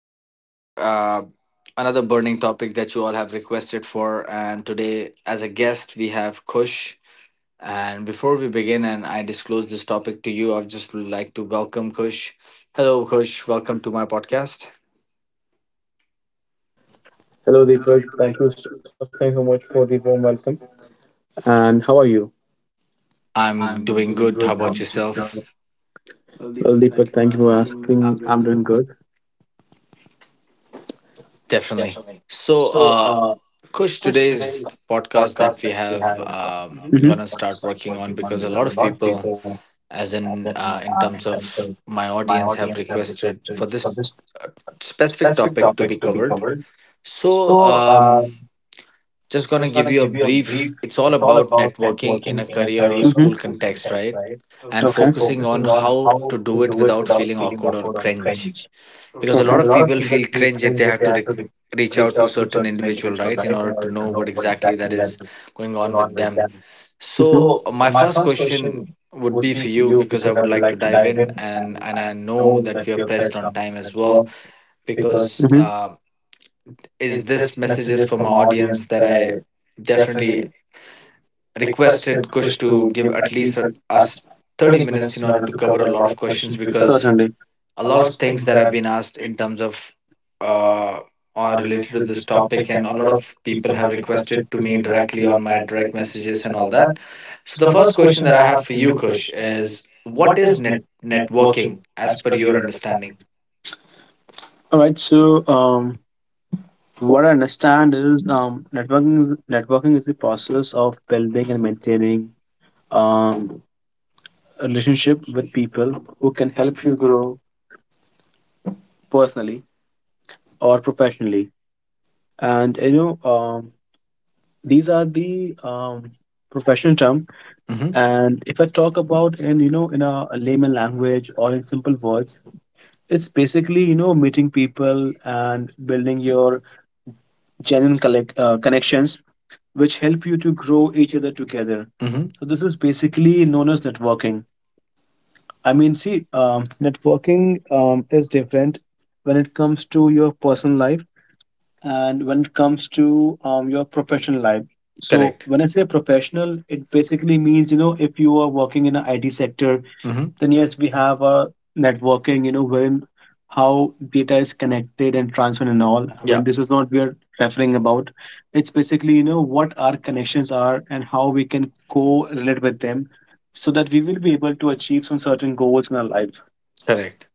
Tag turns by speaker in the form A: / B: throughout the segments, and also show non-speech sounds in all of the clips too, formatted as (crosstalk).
A: we have another burning topic that you all have requested for. And today, as a guest, we have Kush. And before we begin and I disclose this topic to you, I'd just like to welcome Kush. Hello, Kush. Welcome to my podcast.
B: Hello, Deepak. Thank you so much for the warm welcome. And how are you?
A: I'm
B: I'm
A: doing
B: doing
A: good. How
B: good.
A: about yourself?
B: Well, Deepak, thank you for asking. I'm doing good.
A: Definitely. So, Kush, today's podcast that we have
B: hmm
A: gonna start working on because a lot of people as in terms of my audience have requested for this specific topic to be covered, so just gonna give you a brief. It's all about networking in a career or school
B: hmm
A: context, right? And
B: Okay.
A: focusing on how to do it without feeling awkward or cringe, because a
B: Okay.
A: lot of people feel cringe if they have to reach out to certain individual, right, in order to know what exactly that is going on with them. So my
B: hmm
A: first question would be for you, because I would like to dive in, and I know that we are pressed on time as well, because
B: hmm
A: is this messages for my audience that I definitely requested Kush to give at least us 30 minutes in order to cover a lot of questions, because
B: Certainly.
A: a lot of things that have been asked in terms of uh are related to this topic, and a lot of people have requested to me directly on my direct messages and all that. So the first question that I have for you, Kush, is what is net networking as per your understanding?
B: All right. So, um, what I understand is networking is the process of building and maintaining um, a relationship with people who can help you grow personally or professionally. And you know these are the professional term.
A: Mm-hmm.
B: And if I talk about in you know in a layman language or in simple words, it's basically you know meeting people and building your genuine connections, which help you to grow each other together. So
A: Mm-hmm.
B: this is basically known as networking. I mean, see, networking is different when it comes to your personal life and when it comes to your professional life. So Correct.
A: Correct.
B: When I say professional, it basically means you know if you are working in an IT sector,
A: Mm-hmm.
B: then yes, we have a networking you know wherein how data is connected and transferred and all. I mean
A: Yeah.
B: this is not we are referring about. It's basically you know what our connections are and how we can co-relate with them so that we will be able to achieve some certain goals in our life.
A: Correct.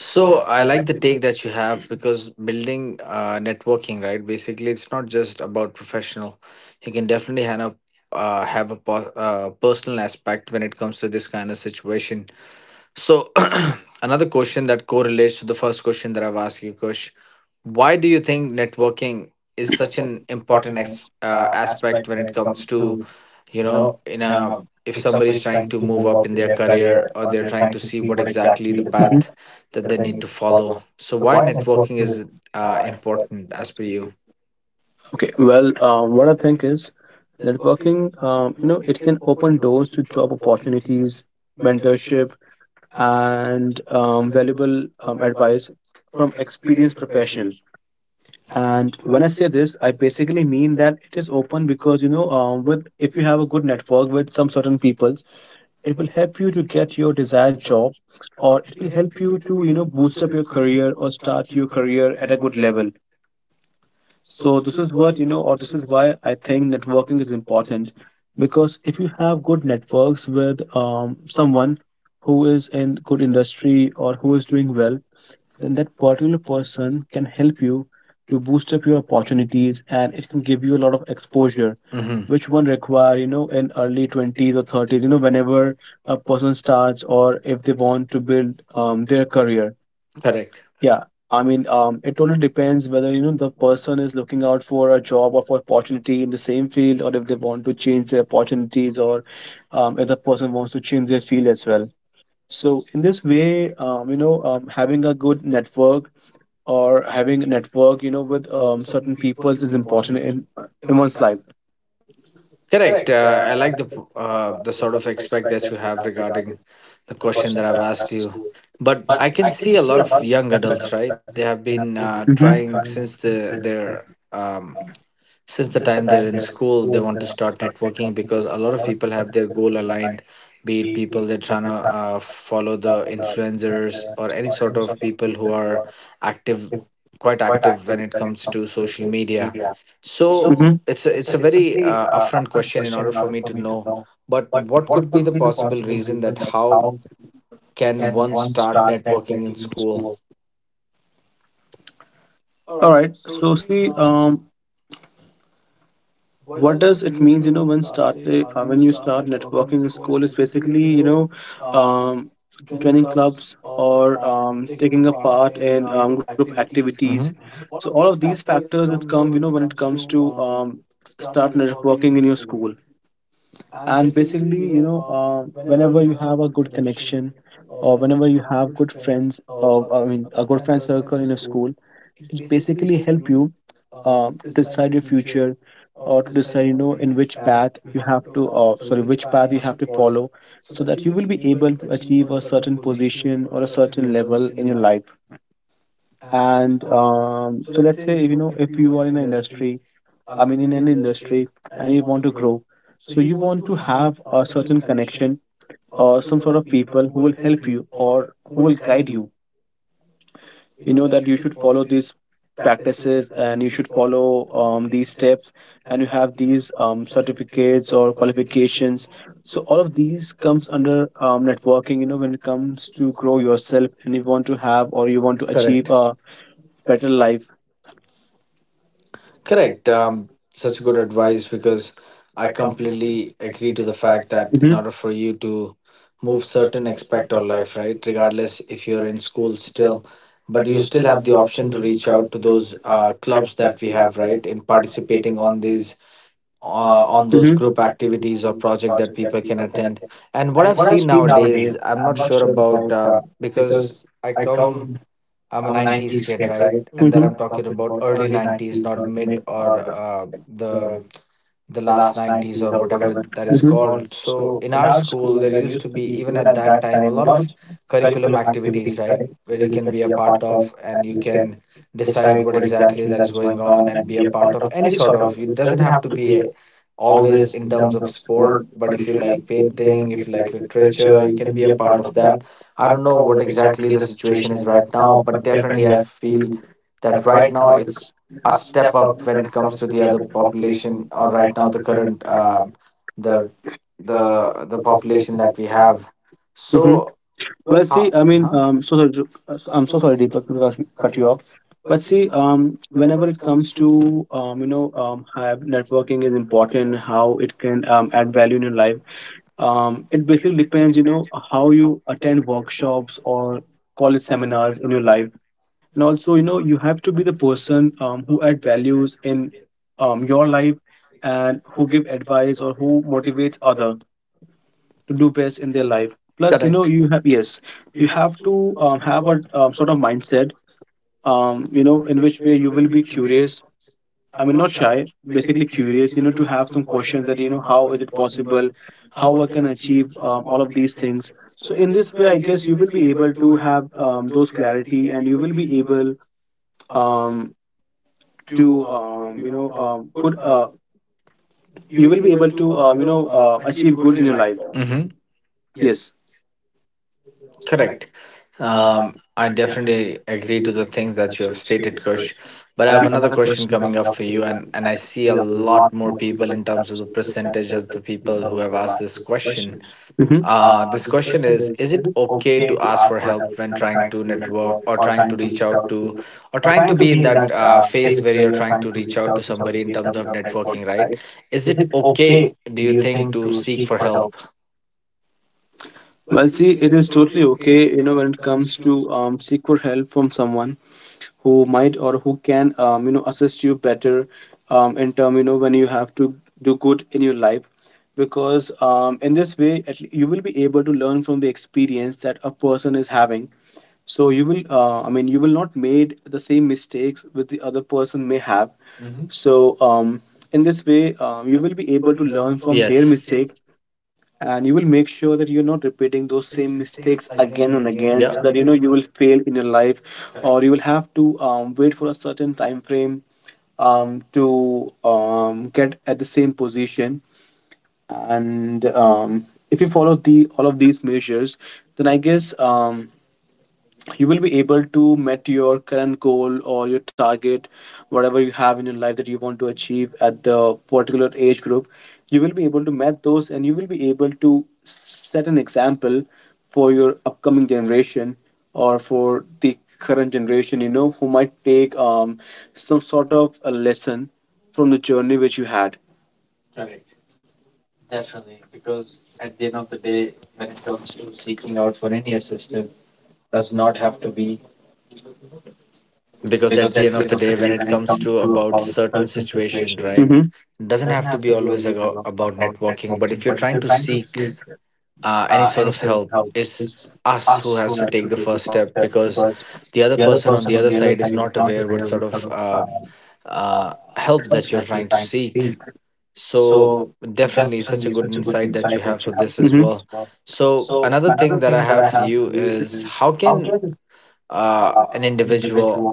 A: So I like the take that you have, because building networking, right? Basically, it's not just about professional. You can definitely have a personal aspect when it comes to this kind of situation. So, (clears throat) another question that correlates to the first question that I've asked you, Kush. Why do you think networking is such an important aspect when it comes to, you know, in a if somebody's trying to move up in their career, or they're trying to see
B: Mhm.
A: what exactly the path that they need to follow? So, why networking is important as per you?
B: Okay, well, what I think is networking you know it can open doors to job opportunities, mentorship, and valuable advice from experienced professionals. And when I say this, I basically mean that it is open because you know, with if you have a good network with some certain peoples, it will help you to get your desired job, or it will help you to you know boost up your career or start your career at a good level. So this is what you know, or this is why I think networking is important, because if you have good networks with someone who is in good industry or who is doing well, then that particular person can help you to boost up your opportunities, and it can give you a lot of exposure,
A: Hmm.
B: which one require you know in early 20s or 30s you know whenever a person starts or if they want to build their career.
A: Correct.
B: Yeah, I mean it totally depends whether you know the person is looking out for a job or for opportunity in the same field, or if they want to change their opportunities, or if the person wants to change their field as well. So in this way you know having a good network or having a network, you know, with certain peoples is important in one's life.
A: Correct. I like the sort of expect that you have regarding the question that I've asked you. But I can see a lot of young adults, right? They have been
B: Mhm.
A: trying since the their um, since the time they're in school, they want to start networking, because a lot of people have their goal aligned, be it people they're trying to follow the influencers, or any sort of people who are active, quite active when it comes to social media. So
B: Mhm.
A: it's a very upfront question in order for me to know, but what could be the possible reason that how can one start networking in school?
B: All right. So see, what does it means? You know, when you start networking in school, is basically you know, um, joining clubs or taking a part in group activities. So all of these factors that come, you know, when it comes to start networking in your school. And basically you know whenever you have a good connection or whenever you have good friends, or I mean a good friend circle in a school, it basically help you decide your future, or to decide you know in which path you have to sorry, which path you have to follow, so that you will be able to achieve a certain position or a certain level in your life. And so let's say if you know if you are in an industry, I mean, in an industry, and you want to grow. So you want to have a certain connection or some sort of people who will help you or who will guide you. You know that you should follow these practices, and you should follow these steps, and you have these certificates or qualifications. So all of these comes under networking, you know, when it comes to grow yourself and you want to have, or you want to achieve
A: Correct.
B: a better life.
A: Correct. Such good advice, because I completely agree to the fact that in
B: Mhm.
A: order for you to move certain aspect of life, right, regardless if you're in school still, but you still have the option to reach out to those clubs that we have, right, in participating on these uh, on those
B: Mm-hmm.
A: group activities or project that people
B: People
A: can
B: can attend,
A: attend. And what I've seen nowadays, I'm not sure about because I come, I'm a 90s kid, right? And hmm that
B: Mm-hmm.
A: I'm talking about early 90s, not mid or the last 90s or whatever
B: that.
A: that is
B: Mm-hmm.
A: called. So in our school, there used to be even at that time a lot of curriculum activities, right? Where you can be a part of, and you can decide what exactly that is going on and be a part of any sort of. It doesn't have to be always in terms of sport, but if you like painting, if you like literature, you can be a part of that. I don't know what exactly the situation is right now, but definitely I feel that right now it's a step up when it comes to the other population, or right now the current the the population that we have.
B: Mm-hmm.
A: So,
B: Well,
A: well,
B: see, I
A: I mean,
B: mean,
A: huh?
B: I'm so sorry, Deepak, to cut you off. But see, whenever it comes to you know, how networking is important, how it can add value in your life. It basically depends, you know, how you attend workshops or college seminars in your life. And also you know you have to be the person who add values in your life, and who give advice or who motivates other to do best in their life. Plus you know
A: Correct.
B: you have
A: Yes,
B: yes you have to have a sort of mindset you know in which way you will be curious. I mean not shy, basically curious you know to have some questions that you know how is it possible, how I can achieve all of these things. So in this way I guess you will be able to have those clarity, and you will be able um, to you know good
A: you
B: you
A: will
B: will
A: be
B: be
A: able
B: able
A: to
B: to
A: you
B: you
A: know
B: know
A: achieve
B: achieve
A: good
B: good
A: in
B: in
A: your
B: your
A: life.
B: life.
A: Mhm.
B: Yes.
A: Correct. I definitely agree to the things that you have stated, Kush. But I have another question coming up for you, and I see a lot more people in terms of the percentage of the people who have asked this question.
B: Hmm.
A: This question is it okay to ask for help when trying to network, or trying to reach out to, or trying to be in that phase where you're trying to reach out to somebody in terms of networking, right? Is it okay, do you think, to seek for help?
B: Well, see, it is totally okay you know when it comes to seek for help from someone who might or who can you know assist you better in term you know when you have to do good in your life, because in this way at le- you will be able to learn from the experience that a person is having. So you will I mean you will not made the same mistakes with the other person may have. So, in this way, you will be
A: Able
B: able
A: to
B: to
A: learn
B: learn
A: from
B: from their
A: Yes.
B: mistake,
A: mistakes.
B: and you will make sure that you're not repeating those same mistakes again and again, so that you know
A: Yeah.
B: you will fail in your life, or you will have to wait for a certain time frame to get at the same position. And If you follow the all of these measures, then I guess you will be able to meet your current goal or your target, whatever you have in your life that you want to achieve at the particular age group. You will be able to meet those, and you will be able to set an example for your upcoming generation, or for the current generation you know who might take some sort of a lesson from the journey which you had,
A: Because
B: because
A: at the
B: at
A: end
B: the
A: of
B: end
A: the
B: of the
A: day,
B: day
A: when it
B: when it
A: comes
B: comes
A: to
B: to
A: about
B: about
A: certain
B: certain
A: situations,
B: situation.
A: right,
B: Hmm.
A: doesn't have to be always about networking. But if you're trying to seek any sort of help, it's us who has to take the first step, because the other person on the other side is not aware what sort of help that you're trying to seek. So definitely, such a good insight that you have for this as
B: Hmm.
A: well. So another thing that I have for you is how can an individual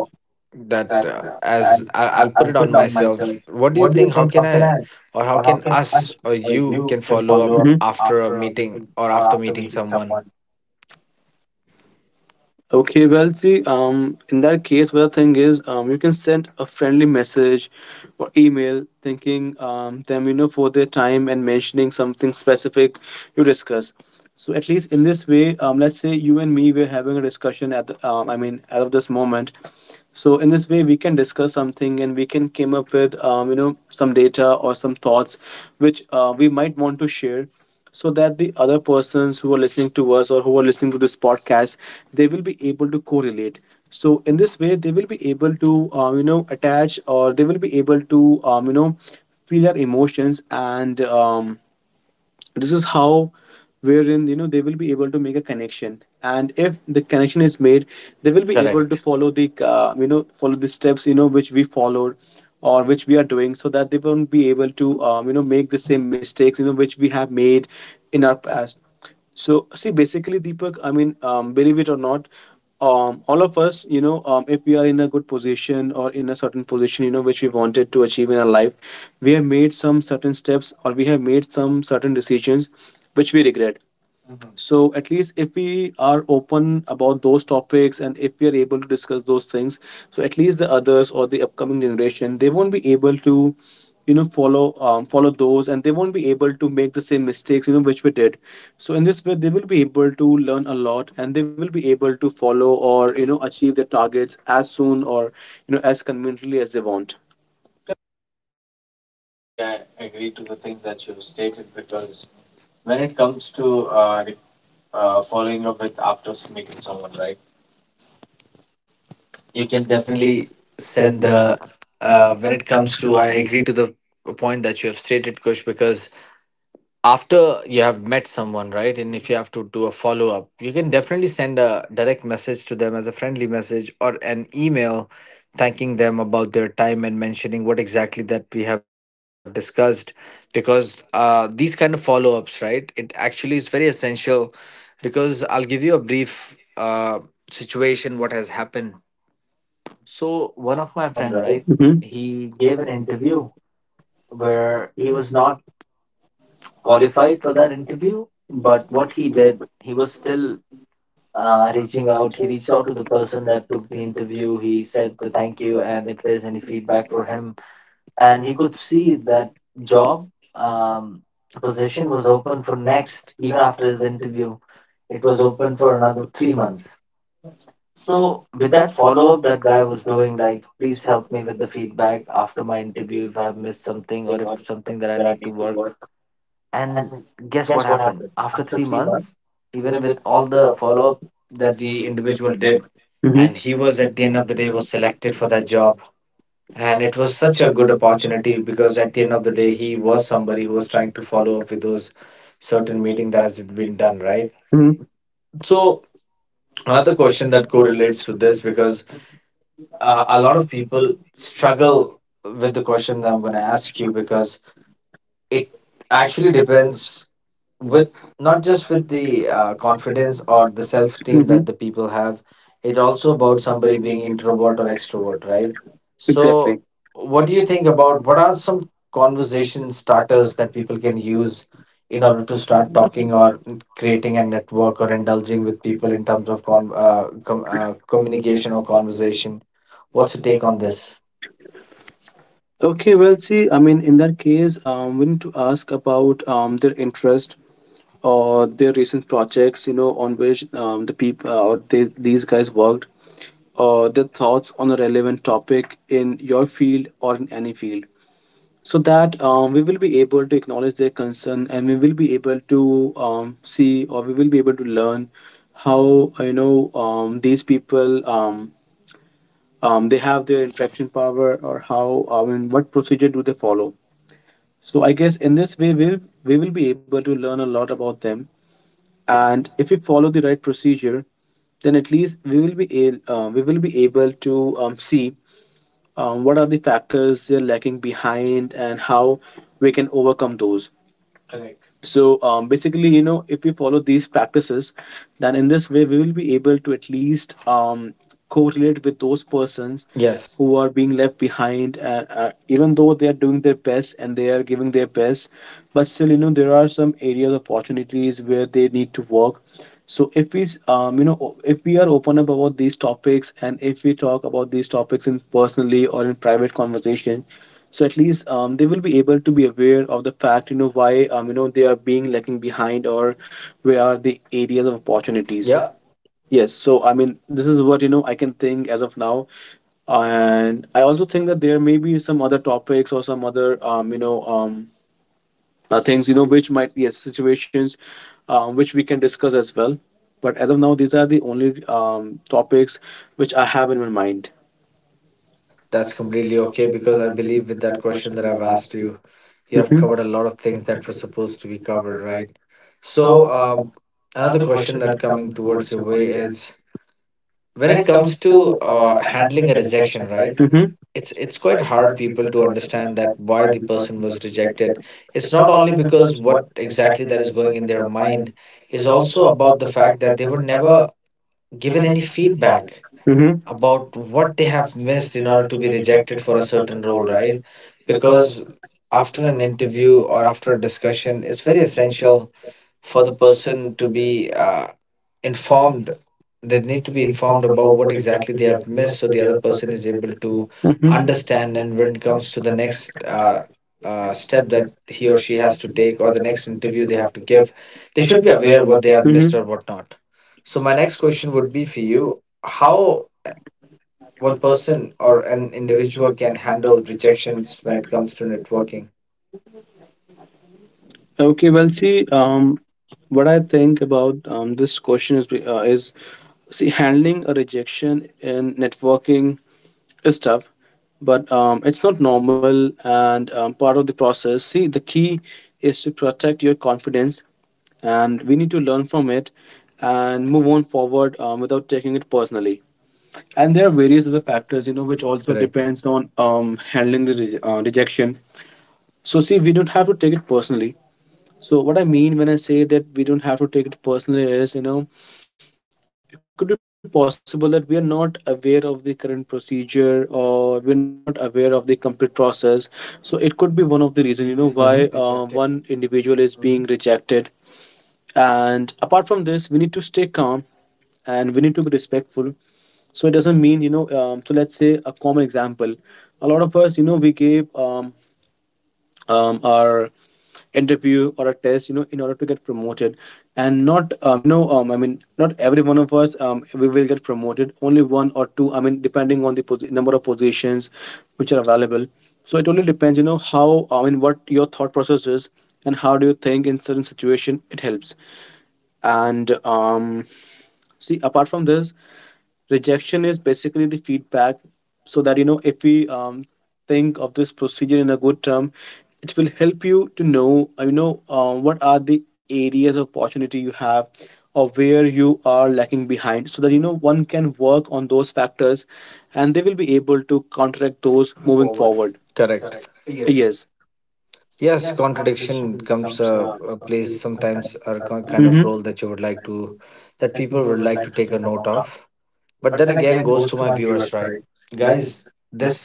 A: that as I, I'll put it on myself, what do you think, how can I or how can us or you
B: You
A: can follow up
B: follow up.
A: after a meeting or after meeting someone?
B: Okay, well, see, in that case, what the thing is, you can send a friendly message or email thanking them, you know, for their time and mentioning something specific you discuss. So at least in this way, let's say you and me, we're having a discussion at I mean, out of this moment, so in this way we can discuss something, and we can came up with you know some data or some thoughts which we might want to share, so that the other persons who are listening to us or who are listening to this podcast, they will be able to correlate. So in this way they will be able to you know attach, or they will be able to you know feel our emotions, and this is how wherein you know they will be able to make a connection, and if the connection is made, they will be able to
A: Correct.
B: follow the you know follow the steps you know which we followed or which we are doing, so that they won't be able to you know make the same mistakes you know which we have made in our past. So see, basically, Deepak. I mean, believe it or not, all of us, you know, if we are in a good position or in a certain position, you know, which we wanted to achieve in our life, we have made some certain steps or we have made some certain decisions which we regret. So at least if we are open about those topics, and if we are able to discuss those things, so at least the others or the upcoming generation, they won't be able to, you know, follow those, and they won't be able to make the same mistakes, you know, which we did. So in this way, they will be able to learn a lot, and they will be able to follow or you know achieve their targets as soon, or you know as conveniently as they want.
A: Definitely send the when it comes to, I agree to the point that you have stated, Kush, because after you have met someone, right, and if you have to do a follow up, you can definitely send a direct message to them as a friendly message or an email thanking them about their time and mentioning what exactly that we have discussed. Because these kind of follow ups, right, it actually is very essential. Because I'll give you a brief situation what has happened. So one of my friend, right,
B: Mm-hmm.
A: he gave an interview where he was not qualified for that interview. But what he did, he was still reaching out. He reached out to the person that took the interview. He said the thank you and if there's any feedback for him. And he could see that job um, position was open for next, even after his interview, it was open for another 3 months. So with that follow up that guy was doing, like, please help me with the feedback after my interview if I've missed something or if something that I need to work. And guess what happened? After 3 months, even with all the follow up that the individual did, and he was at the end of the day was selected for that job. And it was such a good opportunity, because at the end of the day, he was somebody who was trying to follow up with those certain meeting that has been done, right?
B: Mm-hmm.
A: So another question that correlates to this, because a lot of people struggle with the question that I'm going to ask you, because it actually depends with not just with the confidence or the self esteem
B: Mm-hmm.
A: that the people have, it also about somebody being introvert or extrovert, right? Exactly. So what do you think about, what are some conversation starters that people can use in order to start talking or creating a network or indulging with people in terms of communication or conversation? What's your take on this?
B: Okay, well, see, I mean, in that case, we need to ask about their interest or their recent projects, you know, on which the people or these guys worked, or their thoughts on a relevant topic in your field or in any field, so that we will be able to acknowledge their concern and we will be able to see or we will be able to learn how you know these people they have their interaction power or how I mean what procedure do they follow. So I guess in this way we will be able to learn a lot about them. And if we follow the right procedure, then at least we will be able. We will be able to see what are the factors they're lacking behind and how we can overcome those. So basically, you know, if we follow these practices, then in this way we will be able to at least correlate with those persons
A: Yes.
B: who are being left behind even though they are doing their best and they are giving their best, but still you know there are some areas of opportunities where they need to work. So if we you know if we are open up about these topics and if we talk about these topics in personally or in private conversation, so at least they will be able to be aware of the fact you know why you know they are being lacking behind or where are the areas of opportunities. Yes, so I mean, this is what you know I can think as of now, and I also think that there may be some other topics or some other you know things you know which might yes situations which we can discuss as well. But as of now, these are the only topics which I have in my mind.
A: That's completely okay, because I believe with that question that I've asked you, you have
B: Mhm.
A: covered a lot of things that were supposed to be covered, right? So, another question that coming towards your way is, when it comes to handling a rejection, right? It's quite hard people to understand that why the person was rejected. It's not only because what exactly that is going in their mind, is also about the fact that they were never given any feedback
B: Mhm.
A: about what they have missed in order to be rejected for a certain role, right? Because after an interview or after a discussion, it's very essential for the person to be informed. They need to be informed about what exactly they have missed, so the other person is able to understand. And when it comes to the next step that he or she has to take, or the next interview they have to give, they should be aware what they
B: Mhm.
A: have missed or
B: Mhm.
A: what not. So, my next question would be for you, how one person or an individual can handle rejections when it comes to networking.
B: Okay, well, see, what I think about this question is see handling a rejection in networking is tough, but it's not normal and part of the process. See, the key is to protect your confidence, and we need to learn from it and move on forward without taking it personally. And there are various other factors, you know, which also
A: Correct.
B: depends on handling the rejection. So, see, we don't have to take it personally. So what I mean when I say that we don't have to take it personally is, you know, it could be possible that we are not aware of the current procedure or we're not aware of the complete process. So it could be one of the reasons, you know, why one individual is
A: Hmm
B: being
A: Mhm.
B: rejected. And apart from this, we need to stay calm and we need to be respectful. So it doesn't mean, you know, so let's say a common example. A lot of us, you know, we gave our interview or a test you know in order to get promoted, and not you know I mean not every one of us we will get promoted, only one or two I mean, depending on the number of positions which are available. So it only depends you know how I mean what your thought process is and how do you think in certain situation it helps. And see apart from this, rejection is basically the feedback, so that you know if we think of this procedure in a good term it will help you to know you know what are the areas of opportunity you have or where you are lacking behind, so that you know one can work on those factors and they will be able to counteract those moving forward.
A: Correct.
B: Yes.
A: Yes, contradiction comes plays sometimes a kind Mhm. of
B: Hmm.
A: role that you would like to, that people would like to take a note of. But then again, goes to my viewers, right, guys? This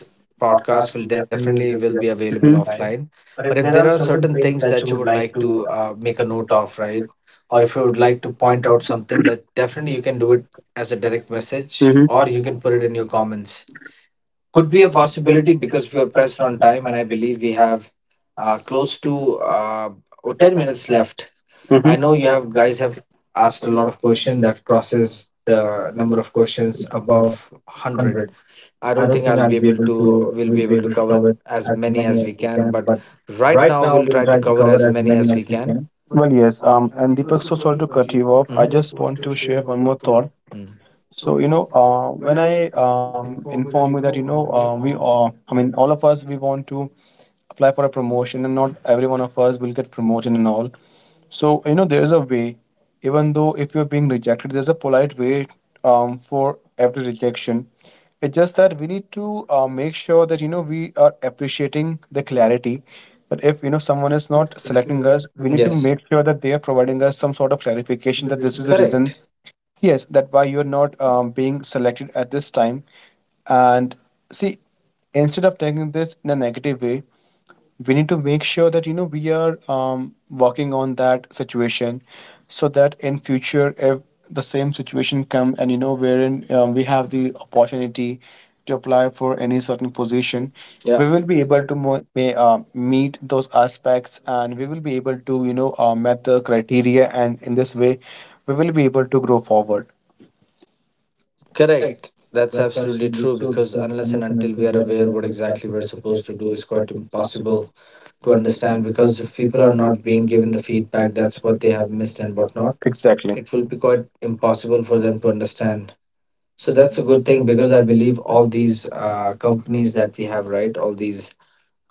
A: podcast will definitely will be available offline, but if there are certain things that you would like to make a note of, right, or if you would like to point out something, that definitely you can do it as a direct message Mhm. or
B: Mm-hmm.
A: you can put it in your comments. Could be a possibility because we are pressed on time and I believe we have close to uh, oh, 10 minutes left. I
B: Hmm.
A: know you have guys have asked a lot of questions that crosses the number of questions above 100. I don't think I'll be able to we'll be able to cover as many as we can, but right now we'll try to cover as many as we can.
B: Well, yes. And Deepak, so sorry to cut you off.
A: I
B: I just want
A: Mhm.
B: to share one more thought.
A: Mm.
B: So, you know, when I inform you that, you know, I mean, all of us, we want to apply for a promotion, and not every one of us will get promoted and all. So you know there's a way, even though if you're being rejected there's a polite way for every rejection. It's just that we need to make sure that you know we are appreciating the clarity, that if you know someone is not selecting us we need to, yes,
A: Yes.
B: make sure that they are providing us some sort of clarification that this is the reason.
A: Correct.
B: Correct. Yes, that why you're not being selected at this time. And see, instead of taking this in a negative way, we need to make sure that you know we are working on that situation, so that in future if the same situation come, and you know wherein we have the opportunity to apply for any certain position,
A: Yeah.
B: we will be able to meet those aspects, and we will be able to you know met the criteria, and in this way we will be able to grow forward.
A: Correct. That's absolutely true, because unless and until we are aware what exactly we're supposed to do is quite impossible to understand. Because if people are not being given the feedback that's what they have missed and whatnot,
B: Exactly.
A: it will be quite impossible for them to understand. So that's a good thing, because I believe all these companies that we have, right? All these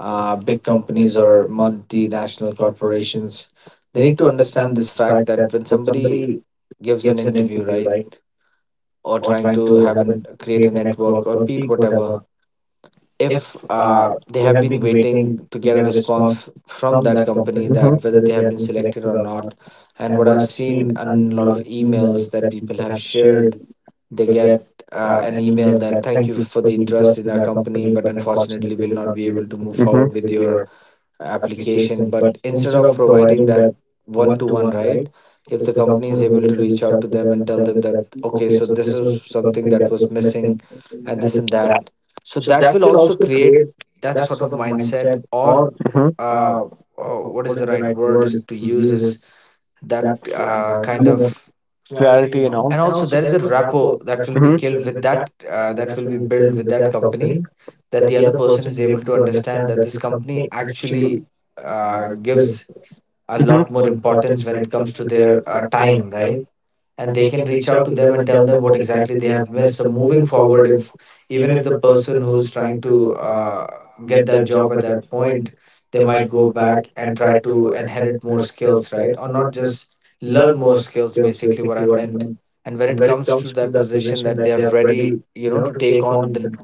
A: big companies or multinational corporations, they need to understand this fact, that when somebody gives an interview, right? Or trying to have an create a network or beat whatever, if they have been waiting to get a response from that company, that whether they have been selected or not. And what I've seen in a lot of emails that people have shared, they get an email that, thank you for the interest in our company, but unfortunately will not be able to move forward with your application. But instead of providing that one to one, right, if the company is able to reach out to them and tell them that, okay, so this is something that was missing, and this and that, so that will also create that sort of mindset or
B: Hmm.
A: uh, what is the right word is to use, is that kind of,
B: Clarity and all.
A: and also there is a rapport that will be
B: Hmm.
A: killed with that that will be built with that company, that the other person is able to understand that this company actually gives a lot more importance when it comes to their time, right? And they can reach out to them and tell them what exactly they have missed, so moving forward, if even if the person who's trying to get that job at that point, they might go back and try to inherit more skills, right? Or not just learn more skills, basically what I meant. And when it comes to that position, that they're ready, you know, to take on the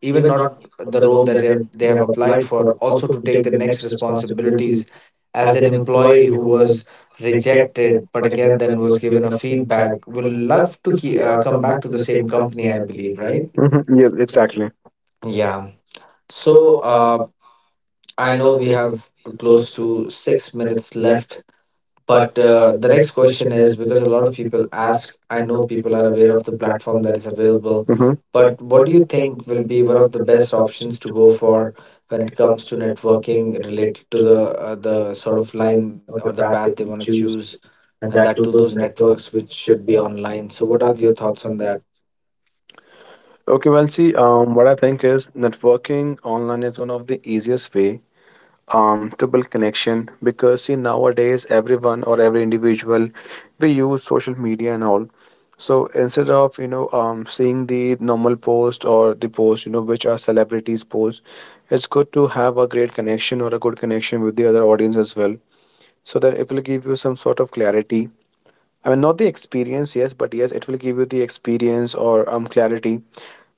A: even not the role that they have applied for, also to take the next responsibilities. As an employee who was rejected but again then was given a feedback, will love to come back to the same company, I believe, right?
B: Mm-hmm. Yeah, exactly.
A: Yeah. So, uh, I know we have close to 6 minutes left, but the next question is, because a lot of people ask, I know people are aware of the platform that is available.
B: Mm-hmm.
A: But what do you think will be one of the best options to go for when it comes to networking related to the sort of line or the path they want to choose, and that to those networks which should be online? So, what are your thoughts on that?
B: Okay, well, see, what I think is networking online is one of the easiest way to build connection, because see nowadays everyone or every individual, we use social media and all. So instead of you know seeing the normal post or the post you know which are celebrities post, it's good to have a great connection or a good connection with the other audience as well, so that it will give you some sort of clarity. I mean, not the experience, yes, but yes, it will give you the experience or clarity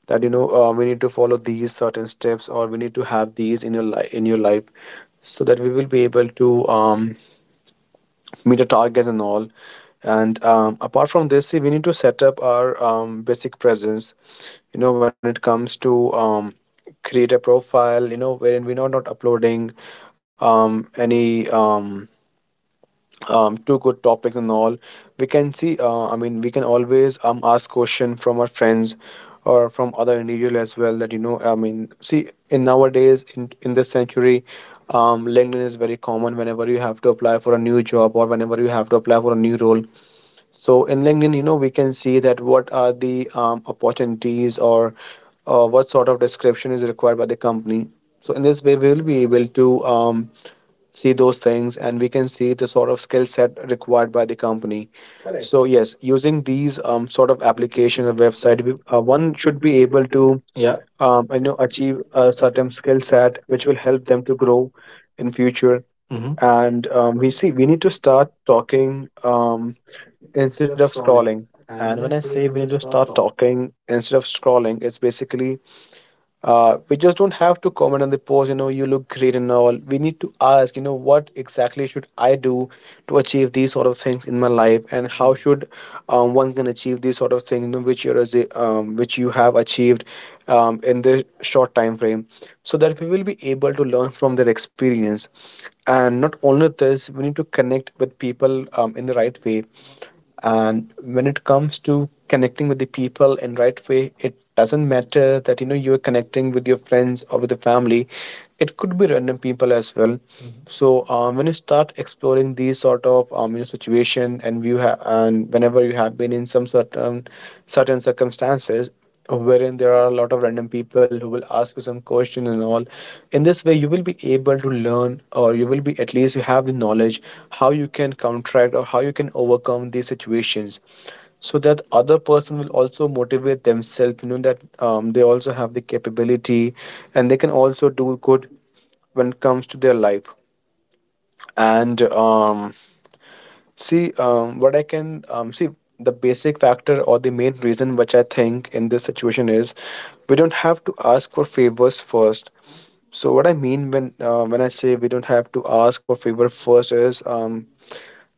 B: that you know we need to follow these certain steps or we need to have these in your life so that we will be able to um meet the targets and all. And apart from this, see, we need to set up our basic presence. You know, when it comes to create a profile, you know, wherein we're not, not uploading any two good topics and all, we can see I mean we can always ask question from our friends or from other individual as well, that you know I mean see in nowadays in this century LinkedIn is very common whenever you have to apply for a new job or whenever you have to apply for a new role. So in LinkedIn, you know, we can see that what are the opportunities or what sort of description is required by the company. So in this way, we will be able to see those things and we can see the sort of skill set required by the company. Correct. So yes, using these sort of application or website, one should be able to
A: Yeah.
B: you know achieve a certain skill set which will help them to grow in future. Mhm.
A: hmm
B: And we see we need to start talking instead of scrolling. And when I say we need to start talking instead of scrolling, it's basically we just don't have to comment on the post, you know, you look great and all. We need to ask, you know, what exactly should I do to achieve these sort of things in my life, and how should one can achieve these sort of things, you know, which you have achieved in the short time frame, so that we will be able to learn from their experience. And not only this, we need to connect with people in the right way. And when it comes to connecting with the people in right way, it doesn't matter that you know you're connecting with your friends or with the family, it could be random people as well. Mhm. So when you start exploring these sort of you know, situation and you have and whenever you have been in some certain circumstances, wherein there are a lot of random people who will ask you some question and all, in this way you will be able to learn or you will be, at least you have the knowledge how you can counteract or how you can overcome these situations, so that other person will also motivate themselves you know that they also have the capability and they can also do good when it comes to their life. And See, what I can see, the basic factor or the main reason which I think in this situation is we don't have to ask for favors first. So what I mean when when I say we don't have to ask for favor first is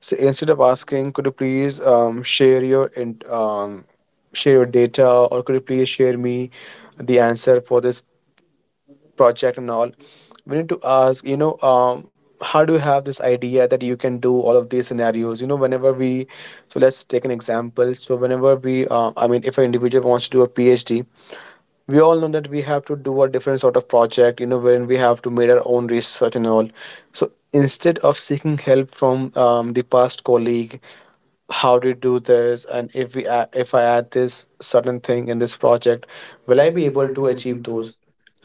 B: so instead of asking, could you please share your share your data, or could you please share me the answer for this project and all, we need to ask you know how do you have this idea that you can do all of these scenarios. You know whenever we, so let's take an example. So whenever we I mean, if an individual wants to do a PhD, we all know that we have to do a different sort of project, you know, when we have to make our own research and all. So instead of seeking help from the past colleague how to do this, and if if I add this certain thing in this project, will I be able to achieve those.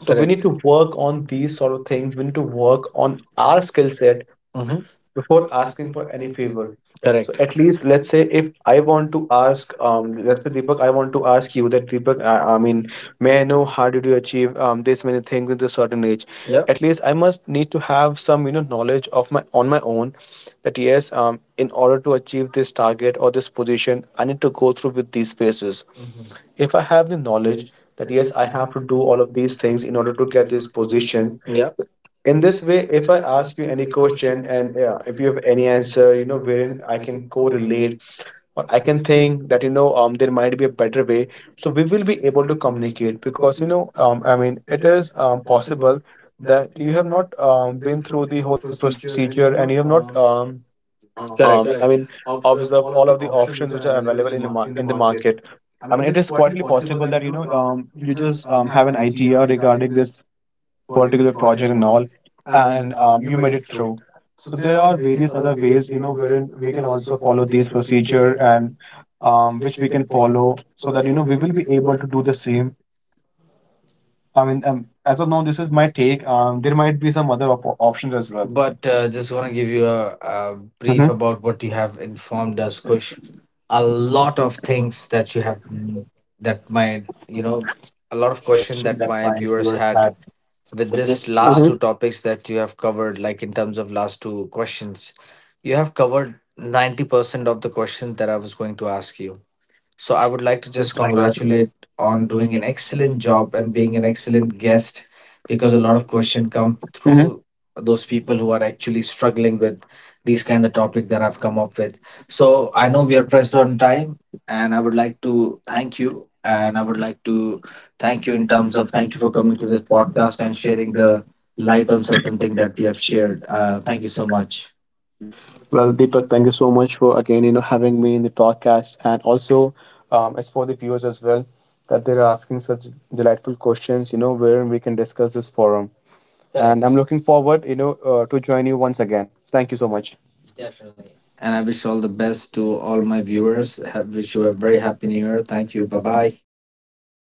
A: we
B: we, right,
A: Correct.
B: need to
A: We.
B: work on these sort of things. We need to work on our skill set
A: Hmm
B: before asking for any favor.
A: So.
B: Correct.
A: Correct.
B: So at least
A: So.
B: let's say if I want to ask, let's say Deepak, I want to ask you that Deepak, I mean, may I know how did you achieve this many things in this certain age? Yeah.
A: Yeah,
B: At least I must need to have some you know knowledge of my on my own, that yes, in order to achieve this target or this position, I need to go through with these phases. Hmm. If I have the knowledge that yes, I have to do all of these things in order to get this position,
A: yeah,
B: in this way if I ask you any question and if you have any answer you know wherein I can correlate or I can think that you know there might be a better way, so we will be able to communicate, because you know I mean it is possible that you have not been through the whole procedure, and you have not I
A: correct.
B: mean observe all of the options which are available in the in the market. I mean it is quite possible that you know you just have an idea regarding this particular project and all, and you made it through. So there are various other ways, you know, wherein we can also follow this procedure and which we can follow so that you know we will be able to do the same. I mean, as of now, this is my take. There might be some other options as well. But.
A: But just want to give you a brief
B: Mhm.
A: about what you have informed us, Kush. A lot of things that you have that my, you know, a lot of question that my viewers had with this last
B: Mhm.
A: two topics that you have covered, like in terms of last two questions, you have covered 90% of the questions that I was going to ask you. So I would like to just congratulate on doing an excellent job and being an excellent guest, because a lot of questions come
B: Mhm.
A: through those people who are actually struggling with these kind of topic that I've come up with. So I know we are pressed on time, and I would like to thank you, and I would like to thank you in terms of, thank you for coming to this podcast and sharing the light on certain things that we have shared. Thank you so much.
B: Well, Deepak, thank you so much for again, you know, having me in the podcast, and also it's for the viewers as well, that they're asking such delightful questions, you know, where we can discuss this forum. And I'm looking forward, you know, to join you once again. Thank you so much.
A: And I wish all the best to all my viewers. Have, wish you a very happy new year. Thank you. Bye bye.